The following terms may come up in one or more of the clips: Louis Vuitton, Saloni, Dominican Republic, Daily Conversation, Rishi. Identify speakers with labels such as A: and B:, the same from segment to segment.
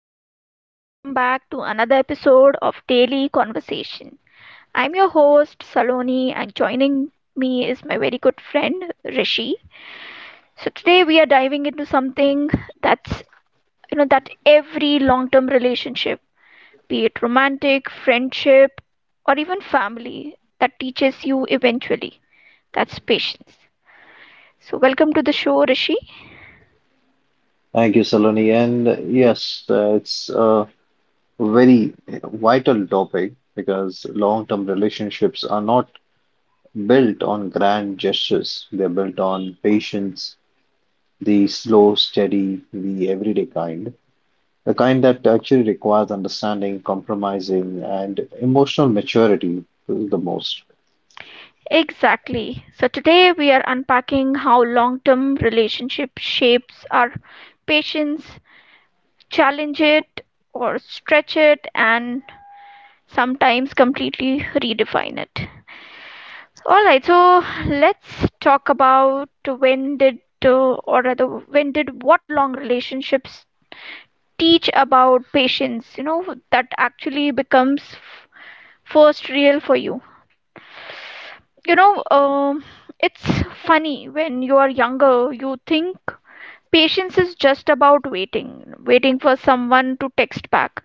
A: everyone, and welcome back to another episode of Daily Conversation. I'm your host, Saloni, and joining me is my very good friend, Rishi. So, today we are diving into something that's, that every long term relationship, be it romantic, friendship, or even family, that teaches you eventually. That's patience. So, welcome to the show, Rishi.
B: Thank you, Saloni. And yes, it's a very vital topic because long-term relationships are not built on grand gestures. They're built on patience, the slow, steady, the everyday kind, the kind that actually requires understanding, compromising, and emotional maturity the most.
A: Exactly. So today we are unpacking how long-term relationship shapes our patience, challenge it or stretch it, and sometimes completely redefine it. All right, so let's talk about when did or rather when did what long relationships teach about patience, that actually becomes first real for you. You know, um, it's funny when you are younger, you think patience is just about waiting, waiting for someone to text back,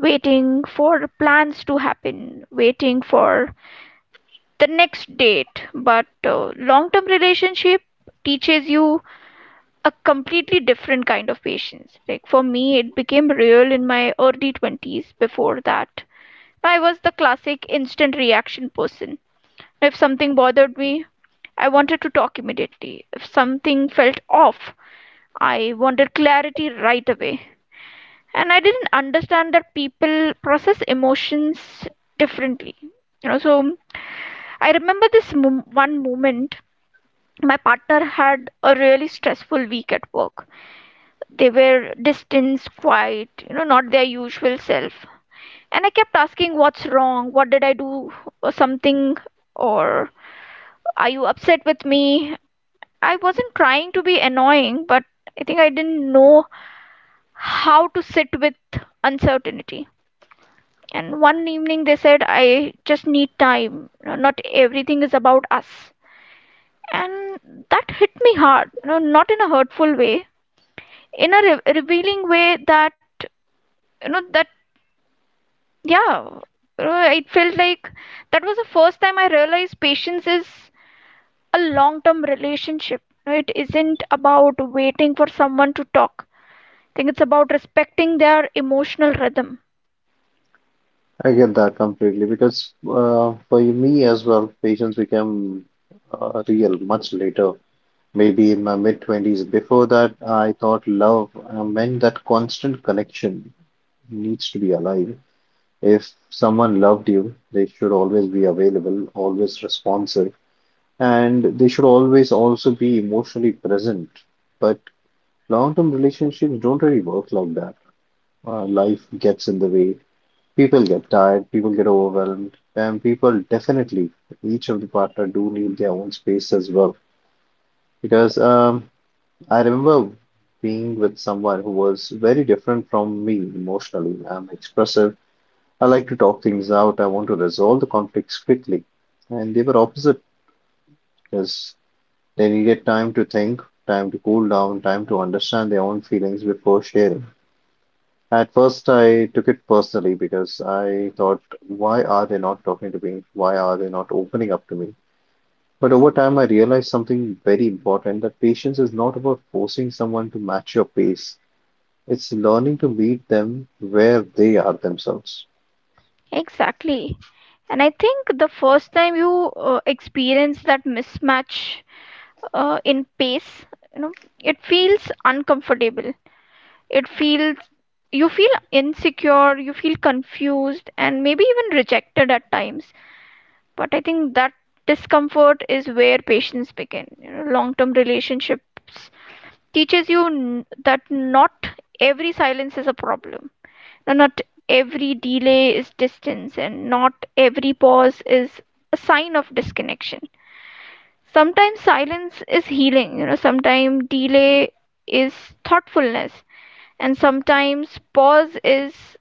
A: waiting for plans to happen, waiting for the next date. But long-term relationship teaches you a completely different kind of patience. Like for me, it became real in my early 20s. Before that, I was the classic instant reaction person. If something bothered me, I wanted to talk immediately. If something felt off, I wanted clarity right away. And I didn't understand that people process emotions differently. So I remember this one moment. My partner had a really stressful week at work. They were distant, quiet, not their usual self. And I kept asking, what's wrong? What did I do? Or something? Or are you upset with me? I wasn't trying to be annoying, but I think I didn't know how to sit with uncertainty. And one evening they said, I just need time. Not everything is about us. And that hit me hard, not in a hurtful way, in a revealing way that, you know, that, yeah, it felt like that was the first time I realized patience is a long term relationship. It isn't about waiting for someone to talk. I think it's about respecting their emotional rhythm.
B: I get that completely because for me as well, patience became real much later, maybe in my mid 20s. Before that, I thought love meant that constant connection needs to be alive. If someone loved you, they should always be available, always responsive, and they should always also be emotionally present. But long-term relationships don't really work like that. Life gets in the way. People get tired, people get overwhelmed, and people definitely, each of the partner do need their own space as well because I remember being with someone who was very different from me emotionally. I'm expressive. I like to talk things out. I want to resolve the conflicts quickly. And they were opposite because they needed time to think, time to cool down, time to understand their own feelings before sharing. At first, I took it personally because I thought, why are they not talking to me? Why are they not opening up to me? But over time, I realized something very important, that patience is not about forcing someone to match your pace. It's learning to meet them where they are themselves.
A: Exactly. And I think the first time you experience that mismatch in pace, you know it feels uncomfortable. It feels you feel insecure, you feel confused and maybe even rejected at times. But I think that discomfort is where patience begin. Long-term relationships teaches you that not every silence is a problem. Now, not every delay is distance, and not every pause is a sign of disconnection. Sometimes silence is healing, sometimes delay is thoughtfulness, and sometimes pause is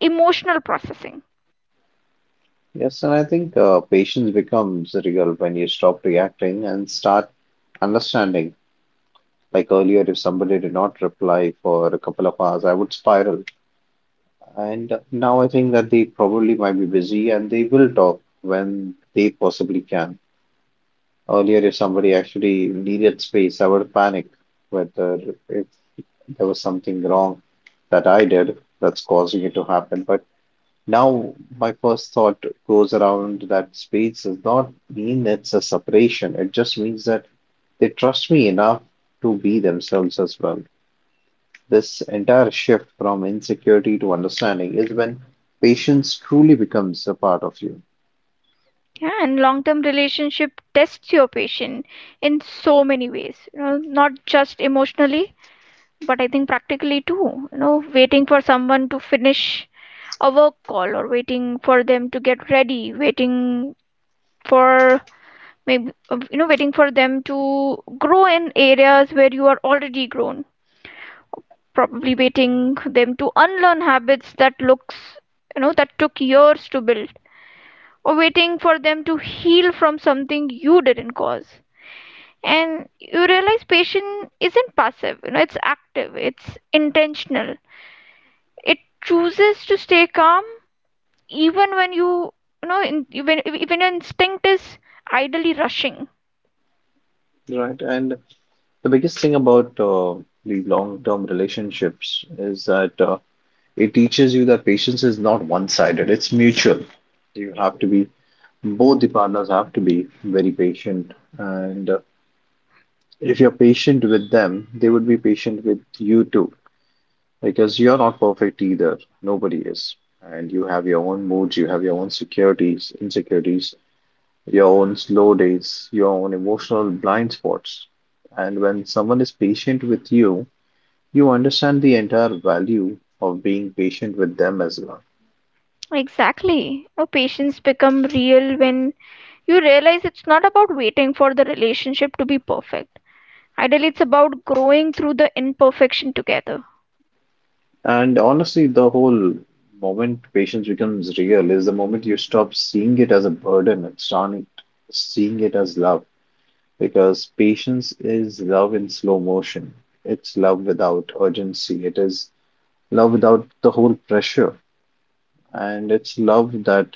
A: emotional processing.
B: Yes, and I think patience becomes real when you stop reacting and start understanding. Like earlier, if somebody did not reply for a couple of hours, I would spiral. And now I think that they probably might be busy and they will talk when they possibly can. Earlier, if somebody actually needed space, I would panic whether if there was something wrong that I did that's causing it to happen. But now, my first thought goes around that space does not mean it's a separation. It just means that they trust me enough to be themselves as well. This entire shift from insecurity to understanding is when patience truly becomes a part of you.
A: Yeah, and long term relationship tests your patience in so many ways, not just emotionally, but I think practically too, waiting for someone to finish a work call, or waiting for them to get ready, waiting for waiting for them to grow in areas where you are already grown, probably waiting them to unlearn habits that looks, you know, that took years to build, or waiting for them to heal from something you didn't cause. And you realize patience isn't passive, it's active, it's intentional. It chooses to stay calm even when you know in, when even your instinct is idly rushing.
B: Right. And the biggest thing about the long-term relationships is that it teaches you that patience is not one-sided, it's mutual. You have to be, both the partners have to be very patient, and if you're patient with them, they would be patient with you too, because you're not perfect either. Nobody is. And you have your own moods, you have your own securities, insecurities, your own slow days, your own emotional blind spots. And when someone is patient with you, you understand the entire value of being patient with them as well.
A: Exactly. No, patience become real when you realize it's not about waiting for the relationship to be perfect, ideally it's about growing through the imperfection together.
B: And honestly, the whole moment patience becomes real is the moment you stop seeing it as a burden and start seeing it as love. Because patience is love in slow motion. It's love without urgency. It is love without the whole pressure. And it's love that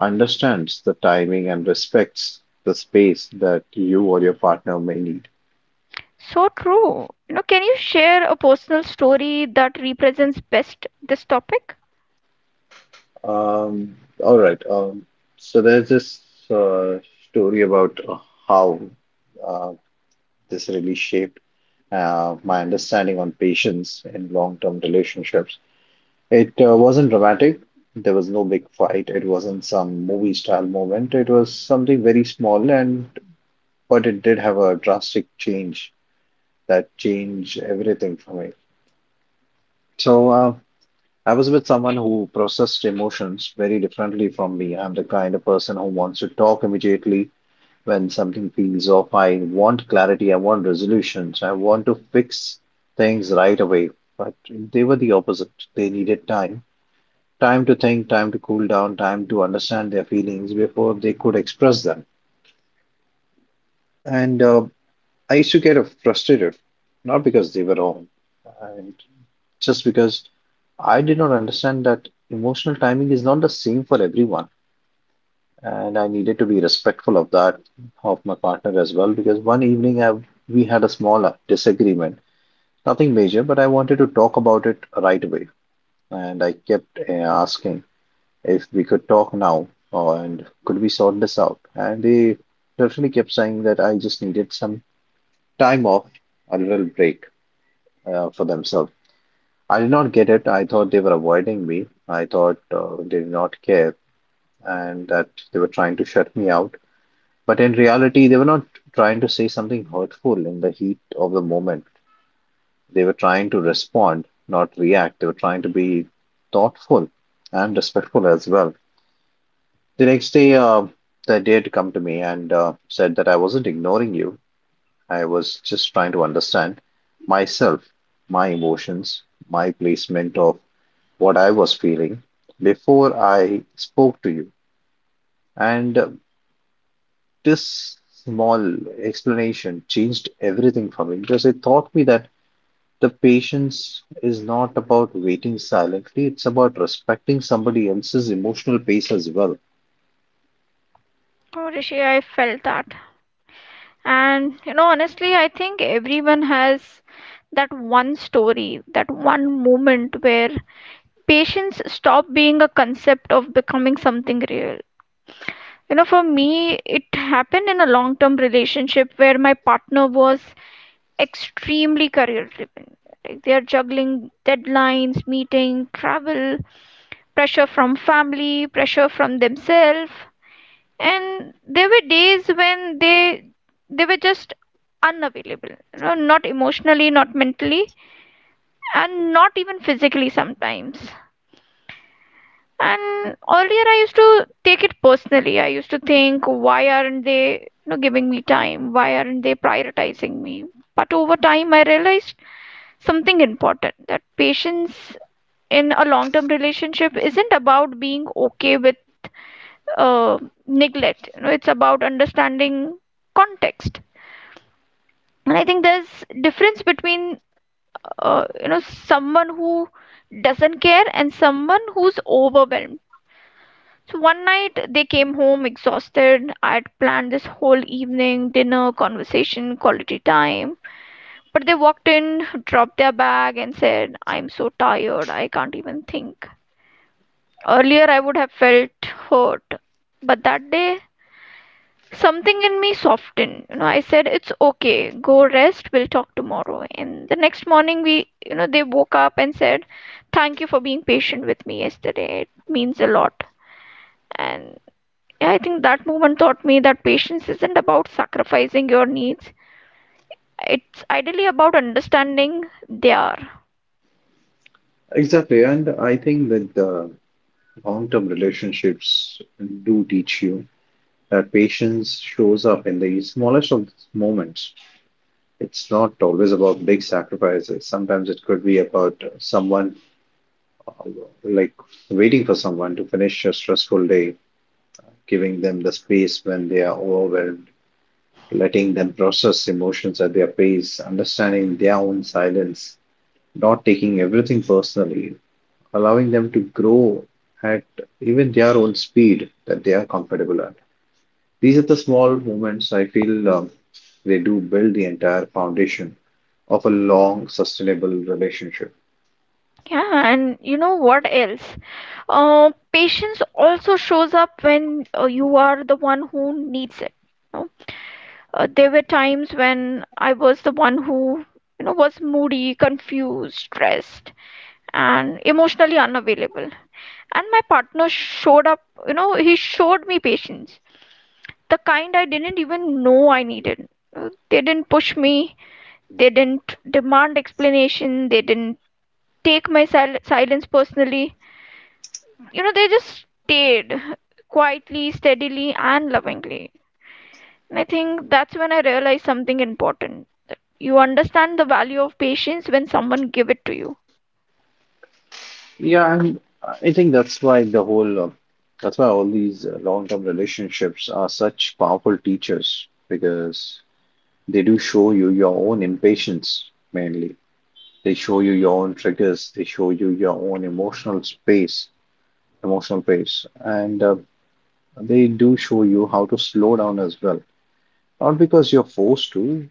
B: understands the timing and respects the space that you or your partner may need.
A: So true. Can you share a personal story that represents best this topic?
B: Um, all right. So there's this uh, story about how uh, this really shaped my understanding on patience in long-term relationships. It wasn't dramatic. There was no big fight. It wasn't some movie style moment. It was something very small, and but it did have a drastic change that changed everything for me. So I was with someone who processed emotions very differently from me. I'm the kind of person who wants to talk immediately when something feels off. I want clarity. I want resolutions. I want to fix things right away. But they were the opposite. They needed time, time to think, time to cool down, time to understand their feelings before they could express them. And I used to get frustrated, not because they were wrong, and just because I did not understand that emotional timing is not the same for everyone. And I needed to be respectful of that, of my partner as well, because one evening I, we had a small disagreement, nothing major, but I wanted to talk about it right away. And I kept asking if we could talk now, and could we sort this out? And they definitely kept saying that I just needed some time off, a little break for themselves. I did not get it. I thought they were avoiding me. I thought they did not care and that they were trying to shut me out. But in reality, they were not trying to say something hurtful in the heat of the moment. They were trying to respond, not react. They were trying to be thoughtful and respectful as well. The next day, they did come to me and said that I wasn't ignoring you. I was just trying to understand myself, my emotions, my placement of what I was feeling before I spoke to you. And this small explanation changed everything for me because it taught me that the patience is not about waiting silently, it's about respecting somebody else's emotional pace as well.
A: Oh, Rishi, I felt that. And honestly, I think everyone has that one story, that one moment where patience stopped being a concept of becoming something real. For me, it happened in a long term relationship where my partner was extremely career driven. Like they are juggling deadlines, meeting, travel, pressure from family, pressure from themselves, and there were days when they were just unavailable, not emotionally, not mentally, and not even physically sometimes. And earlier I used to take it personally. I used to think, why aren't they giving me time? Why aren't they prioritizing me? But over time I realized something important, that patience in a long term relationship isn't about being okay with uh, neglect. It's about understanding context. And I think there's difference between uh, you know someone who doesn't care and someone who's overwhelmed. So one night they came home exhausted. I'd planned this whole evening, dinner, conversation, quality time. But they walked in, dropped their bag, and said, I'm so tired, I can't even think. Earlier, I would have felt hurt, but that day something in me softened. I said, it's okay, go rest, we'll talk tomorrow. And the next morning we you know they woke up and said, thank you for being patient with me yesterday, it means a lot. And yeah, I think that moment taught me that patience isn't about sacrificing your needs, it's ideally about understanding their.
B: Exactly, and I think that long-term relationships do teach you that patience shows up in the smallest of moments. It's not always about big sacrifices. Sometimes it could be about someone, uh, like waiting for someone to finish a stressful day, giving them the space when they are overwhelmed, letting them process emotions at their pace, understanding their own silence, not taking everything personally, allowing them to grow at even their own speed that they are comfortable at. These are the small moments I feel they do build the entire foundation of a long, sustainable relationship.
A: Yeah, and you know what else, patience also shows up when you are the one who needs it. No? There were times when I was the one who, was moody, confused, stressed, and emotionally unavailable. And my partner showed up, he showed me patience, the kind I didn't even know I needed. They didn't push me, they didn't demand explanation, they didn't take my silence personally. They just stayed quietly, steadily, and lovingly. And I think that's when I realized something important. You understand the value of patience when someone give it to you.
B: Yeah, and I think that's why all these long-term relationships are such powerful teachers because they do show you your own impatience mainly. They show you your own triggers. They show you your own emotional space, emotional pace, and they do show you how to slow down as well. Not because you're forced to,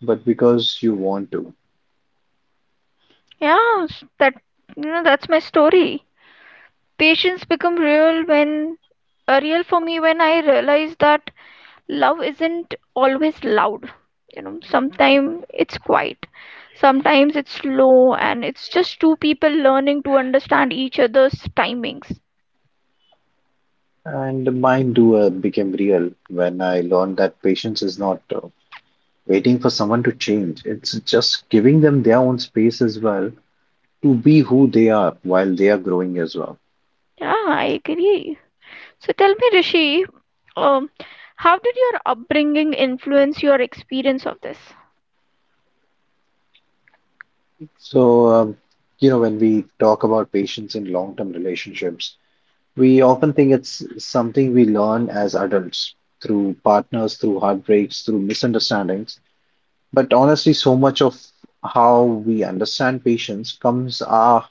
B: but because you want to.
A: Yeah. That's my story. Patience become real for me when I realize that love isn't always loud. Sometimes it's quiet, sometimes it's slow, and it's just two people learning to understand each other's timings.
B: And my doer became real when I learned that patience is not waiting for someone to change. It's just giving them their own space as well to be who they are while they are growing as well.
A: Yeah, I agree. So tell me, Rishi, um, how did your upbringing influence your experience of this?
B: So, um, you know, when we talk about patience in long-term relationships, we often think it's something we learn as adults through partners, through heartbreaks, through misunderstandings. But honestly, so much of how we understand patience comes our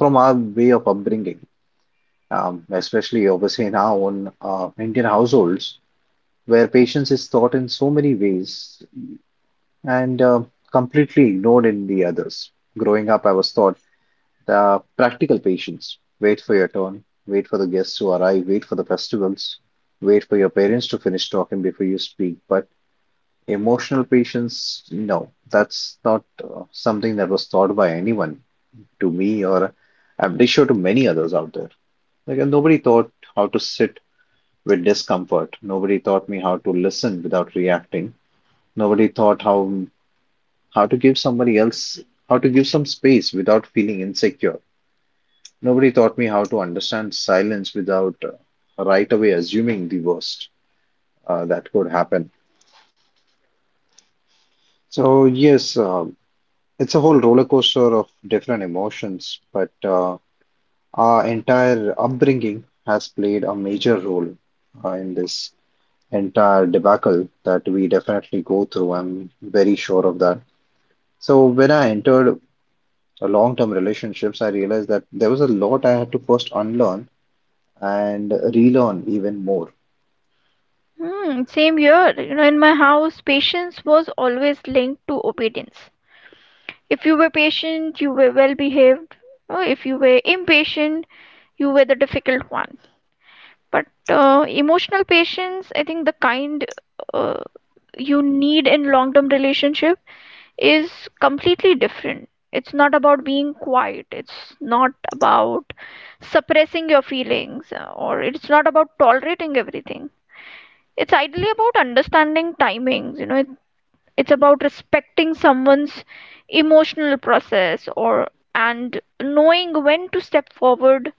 B: from our way of upbringing, especially obviously in our own Indian households, where patience is taught in so many ways and completely ignored in the others. Growing up, I was taught the practical patience, wait for your turn, wait for the guests to arrive, wait for the festivals, wait for your parents to finish talking before you speak. But emotional patience, no, that's not something that was taught by anyone to me, or I'm pretty sure to many others out there. Like, and nobody taught how to sit with discomfort. Nobody taught me how to listen without reacting. Nobody taught how to give somebody else how to give some space without feeling insecure. Nobody taught me how to understand silence without right away assuming the worst that could happen. So yes, it's a whole roller coaster of different emotions, but uh, our entire upbringing has played a major role in this entire debacle that we definitely go through. I'm very sure of that. So when I entered a long-term relationships, I realized that there was a lot I had to first unlearn and relearn even more.
A: Hmm, same here. In my house, patience was always linked to obedience. If you were patient, you were well behaved. If you were impatient, you were the difficult one. But emotional patience, I think the kind uh, you need in long-term relationship is completely different. It's not about being quiet. It's not about suppressing your feelings, or it's not about tolerating everything. It's ideally about understanding timings. It's about respecting someone's emotional process, or and knowing when to step forward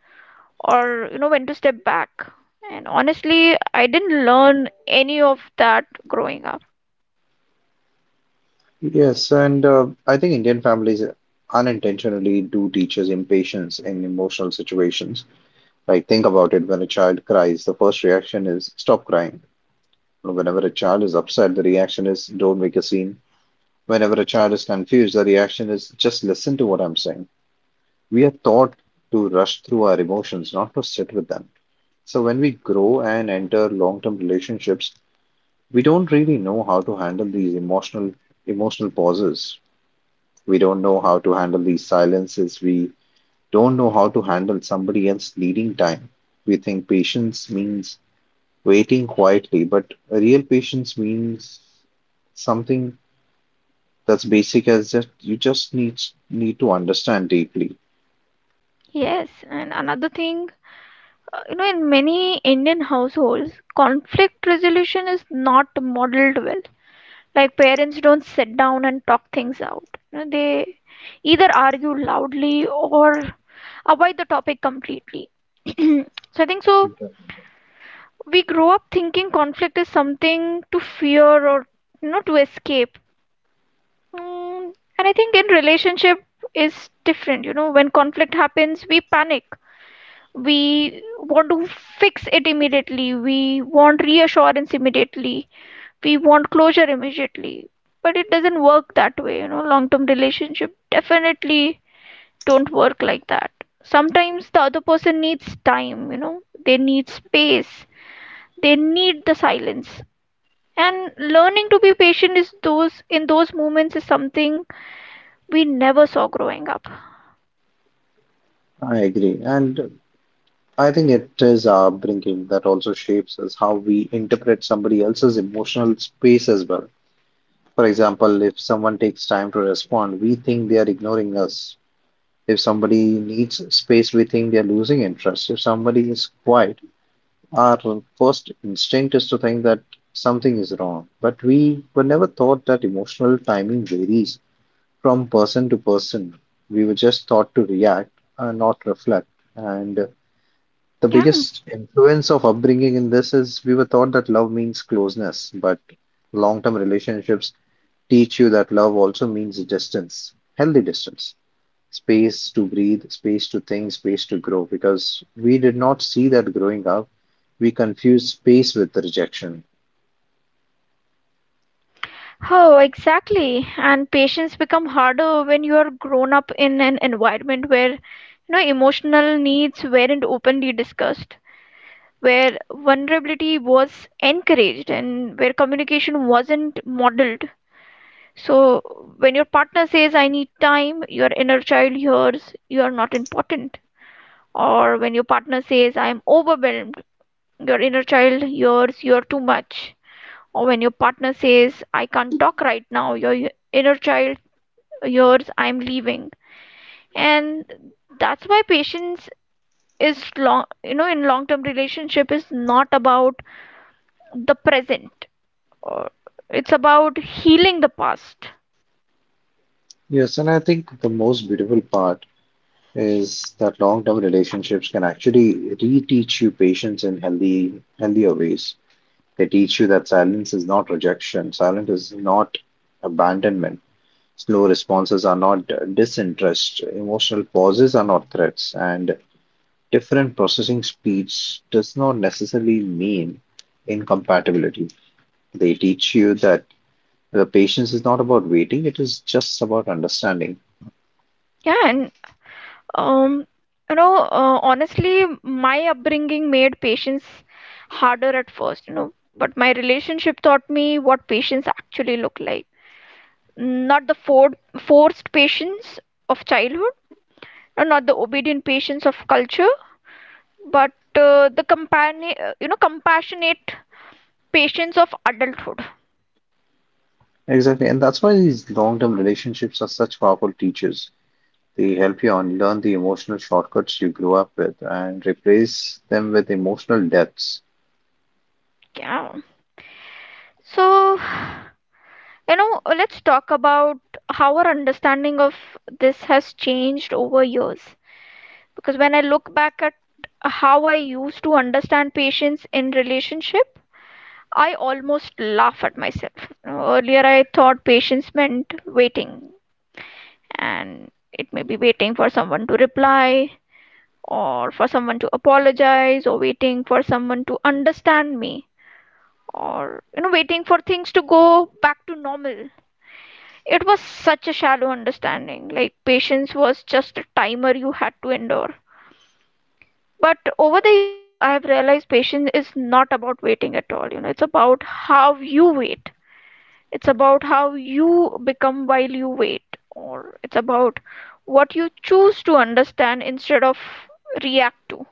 A: or when to step back. And honestly, I didn't learn any of that growing up.
B: Yes, and I think Indian families unintentionally do teach us impatience in emotional situations. Like, think about it, when a child cries, the first reaction is stop crying. Whenever a child is upset, the reaction is don't make a scene. Whenever a child is confused, the reaction is just listen to what I'm saying. We are taught to rush through our emotions, not to sit with them. So when we grow and enter long-term relationships, we don't really know how to handle these emotional pauses. We don't know how to handle these silences. We don't know how to handle somebody else needing time. We think patience means waiting quietly, but real patience means something that's basic as just you just need to understand deeply.
A: Yes, and another thing, in many Indian households conflict resolution is not modeled well. Like parents don't sit down and talk things out. They either argue loudly or avoid the topic completely. So I think, so we grow up thinking conflict is something to fear or to escape. mm, and I think in relationship is different. When conflict happens, we panic. We want to fix it immediately, we want reassurance immediately, we want closure immediately. But it doesn't work that way. Long term relationship definitely don't work like that. Sometimes the other person needs time. They need space, they need the silence. And learning to be patient is those in those moments is something we never saw growing up.
B: I agree. And I think it is our upbringing that also shapes us how we interpret somebody else's emotional space as well. For example, if someone takes time to respond, we think they are ignoring us. If somebody needs space, we think they are losing interest. If somebody is quiet, our first instinct is to think that something is wrong. But we were never taught that emotional timing varies from person to person. We were just taught to react and not reflect. And the
A: Yeah.
B: biggest influence of upbringing in this is we were taught that love means closeness, but long term relationships teach you that love also means distance, healthy distance, space to breathe, space to think, space to grow, because we did not see that growing up. We confuse space with rejection.
A: Oh, exactly. And patience become harder when you are grown up in an environment where emotional needs weren't openly discussed, where vulnerability was encouraged, and where communication wasn't modeled. So, when your partner says, I need time, your inner child hears, you are not important. Or when your partner says, I am overwhelmed, your inner child hears, you are too much. Or when your partner says, I can't talk right now, your inner child hears, I am leaving. And that's why patience is long you know in long term relationship is not about the present, uh, it's about healing the past.
B: Yes, and I think the most beautiful part is that long term relationships can actually reteach you patience in healthy, healthier ways. They teach you that silence is not rejection, silence is not abandonment. Slow responses are not disinterest, emotional pauses are not threats, and different processing speeds does not necessarily mean incompatibility. They teach you that the patience is not about waiting, it is just about understanding.
A: Yeah. And um honestly, my upbringing made patience harder at first. But my relationship taught me what patience actually look like, not the forced patience of childhood, and not the obedient patience of culture, but the companion you know compassionate patience of adulthood.
B: Exactly, and that's why these long term relationships are such powerful teachers. They help you unlearn the emotional shortcuts you grew up with and replace them with emotional depths.
A: Yeah. So, let's talk about how our understanding of this has changed over years. Because when I look back at how I used to understand patience in relationship, I almost laugh at myself. Earlier, I thought patience meant waiting, and it may be waiting for someone to reply, or for someone to apologize, or waiting for someone to understand me, or waiting for things to go back to normal. It was such a shallow understanding, like patience was just a timer you had to endure. But over the years, I have realized patience is not about waiting at all. It's about how you wait. It's about how you become while you wait, or it's about what you choose to understand instead of react to.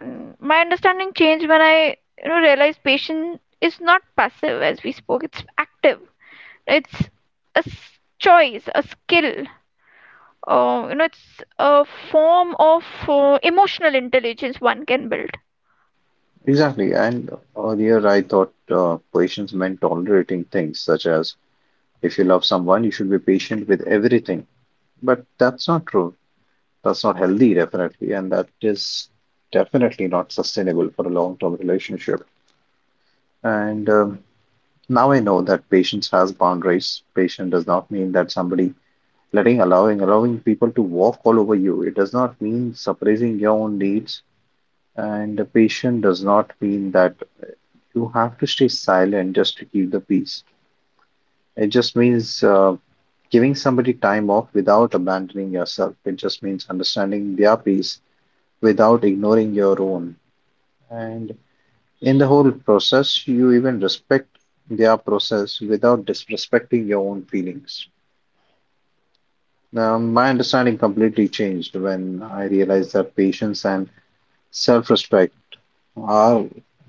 A: And my understanding changed when I, realized patience is not passive as we spoke. It's active. It's a choice, a skill, it's a form of emotional intelligence one can build.
B: Exactly, and earlier I thought patience meant tolerating things such as if you love someone, you should be patient with everything. But that's not true. That's not healthy, definitely, and that is definitely not sustainable for a long-term relationship. And now I know that patience has boundaries. Patience does not mean that somebody letting, allowing people to walk all over you. It does not mean suppressing your own needs, and patient does not mean that you have to stay silent just to keep the peace. It just means giving somebody time off without abandoning yourself. It just means understanding their peace without ignoring your own. And in the whole process, you even respect their process without disrespecting your own feelings. Now, my understanding completely changed when I realized that patience and self-respect are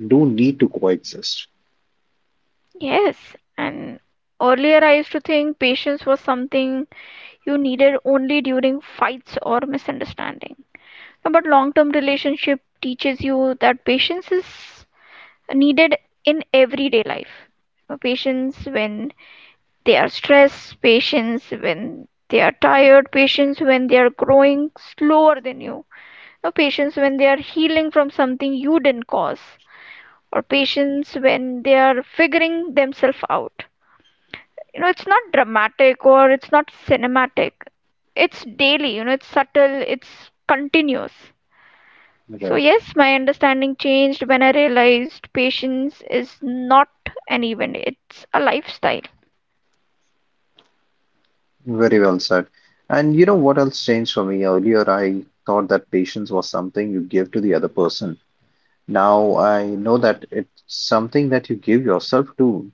B: do need to coexist.
A: Yes, and earlier I used to think patience was something you needed only during fights or misunderstanding. No, but long term relationship teaches you that patience is needed in everyday life. Patience when they are stressed, patience when they are tired, patience when they are growing slower than you. No, patience when they are healing from something you didn't cause, or patience when they are figuring themselves out. It's not dramatic, or it's not cinematic. It's daily, it's subtle, it's continuous. So,
B: Right.
A: yes, my understanding changed when I realized patience is not an event, it's a lifestyle.
B: Very well said. And you know what else changed for me? Earlier, I thought that patience was something you give to the other person. Now I know that it's something that you give yourself to.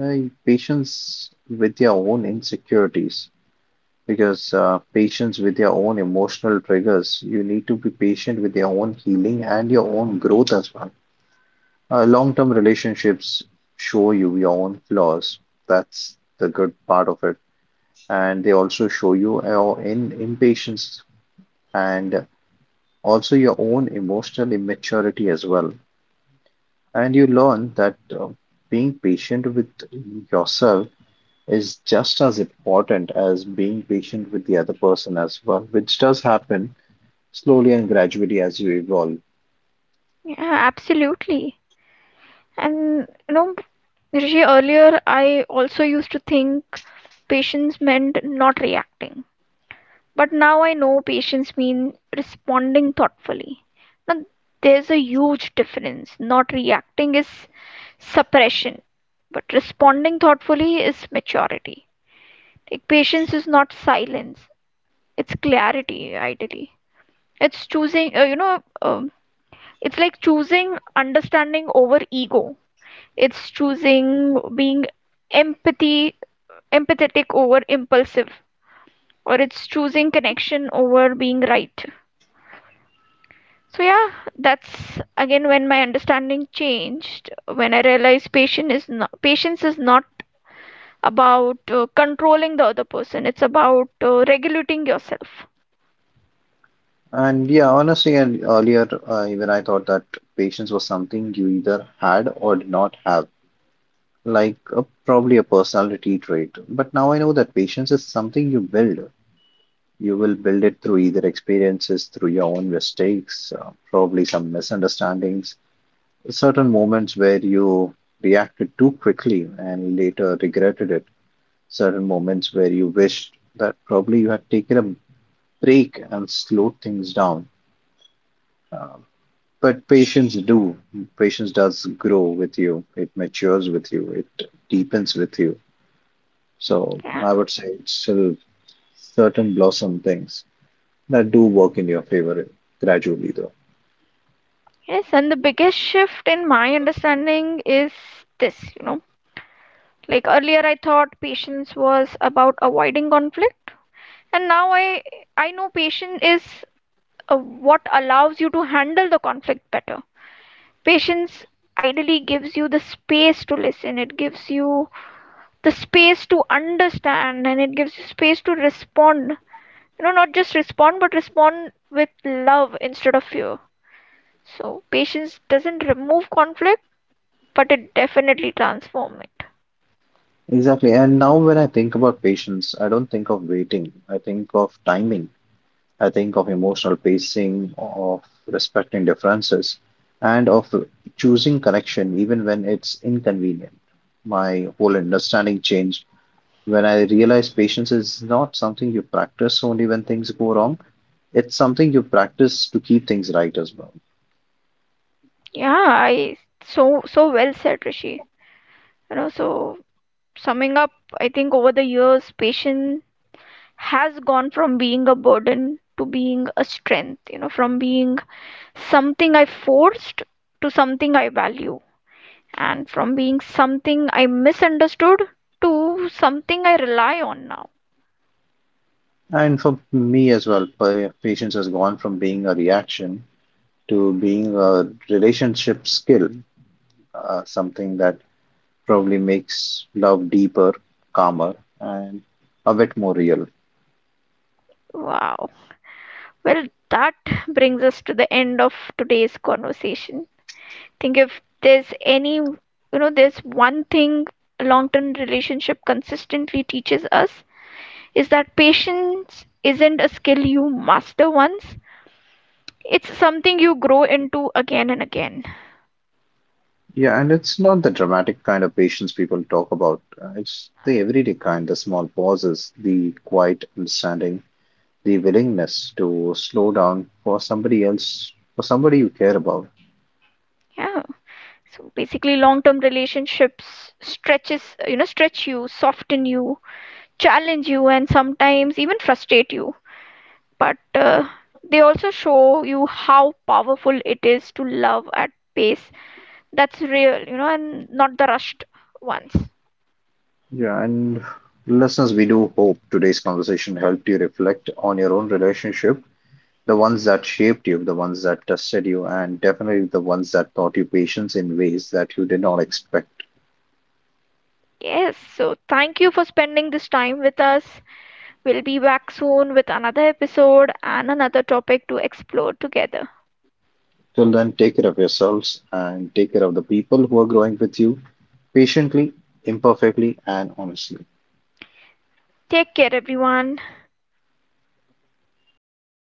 B: Patience with your own insecurities, because patience with your own emotional triggers. You need to be patient with your own healing and your own growth as well. Long-term relationships show you your own flaws. That's the good part of it, and they also show you your in impatience and also your own emotional immaturity as well. And you learn that being patient with yourself is just as important as being patient with the other person as well, which does happen slowly and gradually as you evolve.
A: Yeah, absolutely. And, Rishi, earlier I also used to think patience meant not reacting. But now I know patience means responding thoughtfully. Now there's a huge difference. Not reacting is suppression, but responding thoughtfully is maturity. Like patience is not silence, it's clarity, ideally. It's choosing, you know, it's like choosing understanding over ego. It's choosing being empathy, empathetic over impulsive, or it's choosing connection over being right. So yeah, that's again when my understanding changed when I realized patience is not about controlling the other person. It's about regulating yourself.
B: And yeah, honestly, and earlier, even I thought that patience was something you either had or did not have, like a, probably a personality trait. But now I know that patience is something you build. You will build it through either experiences, through your own mistakes, probably some misunderstandings, certain moments where you reacted too quickly and later regretted it, certain moments where you wished that probably you had taken a break and slowed things down. Uh, but patience do, patience does grow with you. It matures with you. It deepens with you. So
A: Yeah.
B: I would say it's still certain blossom things that do work in your favor gradually, though.
A: Yes, and the biggest shift in my understanding is this. Like earlier I thought patience was about avoiding conflict, and now I know patience is what allows you to handle the conflict better. Patience ideally gives you the space to listen, it gives you the space to understand, and it gives you space to respond. Not just respond, but respond with love instead of fear. So, patience doesn't remove conflict, but it definitely transforms it.
B: Exactly. And now when I think about patience, I don't think of waiting. I think of timing. I think of emotional pacing, of respecting differences, and of choosing connection even when it's inconvenient. My whole understanding changed when I realized patience is not something you practice only when things go wrong. It's something you practice to keep things right as well.
A: Yeah, I so so well said, Rishi. So, summing up, I think over the years, patience has gone from being a burden to being a strength. From being something I forced to something I value, and from being something I misunderstood to something I rely on now.
B: And for me as well, patience has gone from being a reaction to being a relationship skill, something that probably makes love deeper, calmer, and a bit more real.
A: Wow. Well, that brings us to the end of today's conversation. I think if there's there's one thing a long term relationship consistently teaches us, is that patience isn't a skill you master once, it's something you grow into again and again.
B: Yeah, and it's not the dramatic kind of patience people talk about. It's the everyday kind, the small pauses, the quiet understanding, the willingness to slow down for somebody else, for somebody you care about.
A: Yeah. So basically long term relationships stretch you, soften you, challenge you, and sometimes even frustrate you. But they also show you how powerful it is to love at pace that's real, and not the rushed ones.
B: Yeah, and listeners, we do hope today's conversation helped you reflect on your own relationship, the ones that shaped you, the ones that tested you, and definitely the ones that taught you patience in ways that you did not expect.
A: Yes, so thank you for spending this time with us. We'll be back soon with another episode and another topic to explore together.
B: Till then, take care of yourselves and take care of the people who are growing with you patiently, imperfectly, and honestly.
A: Take care, everyone.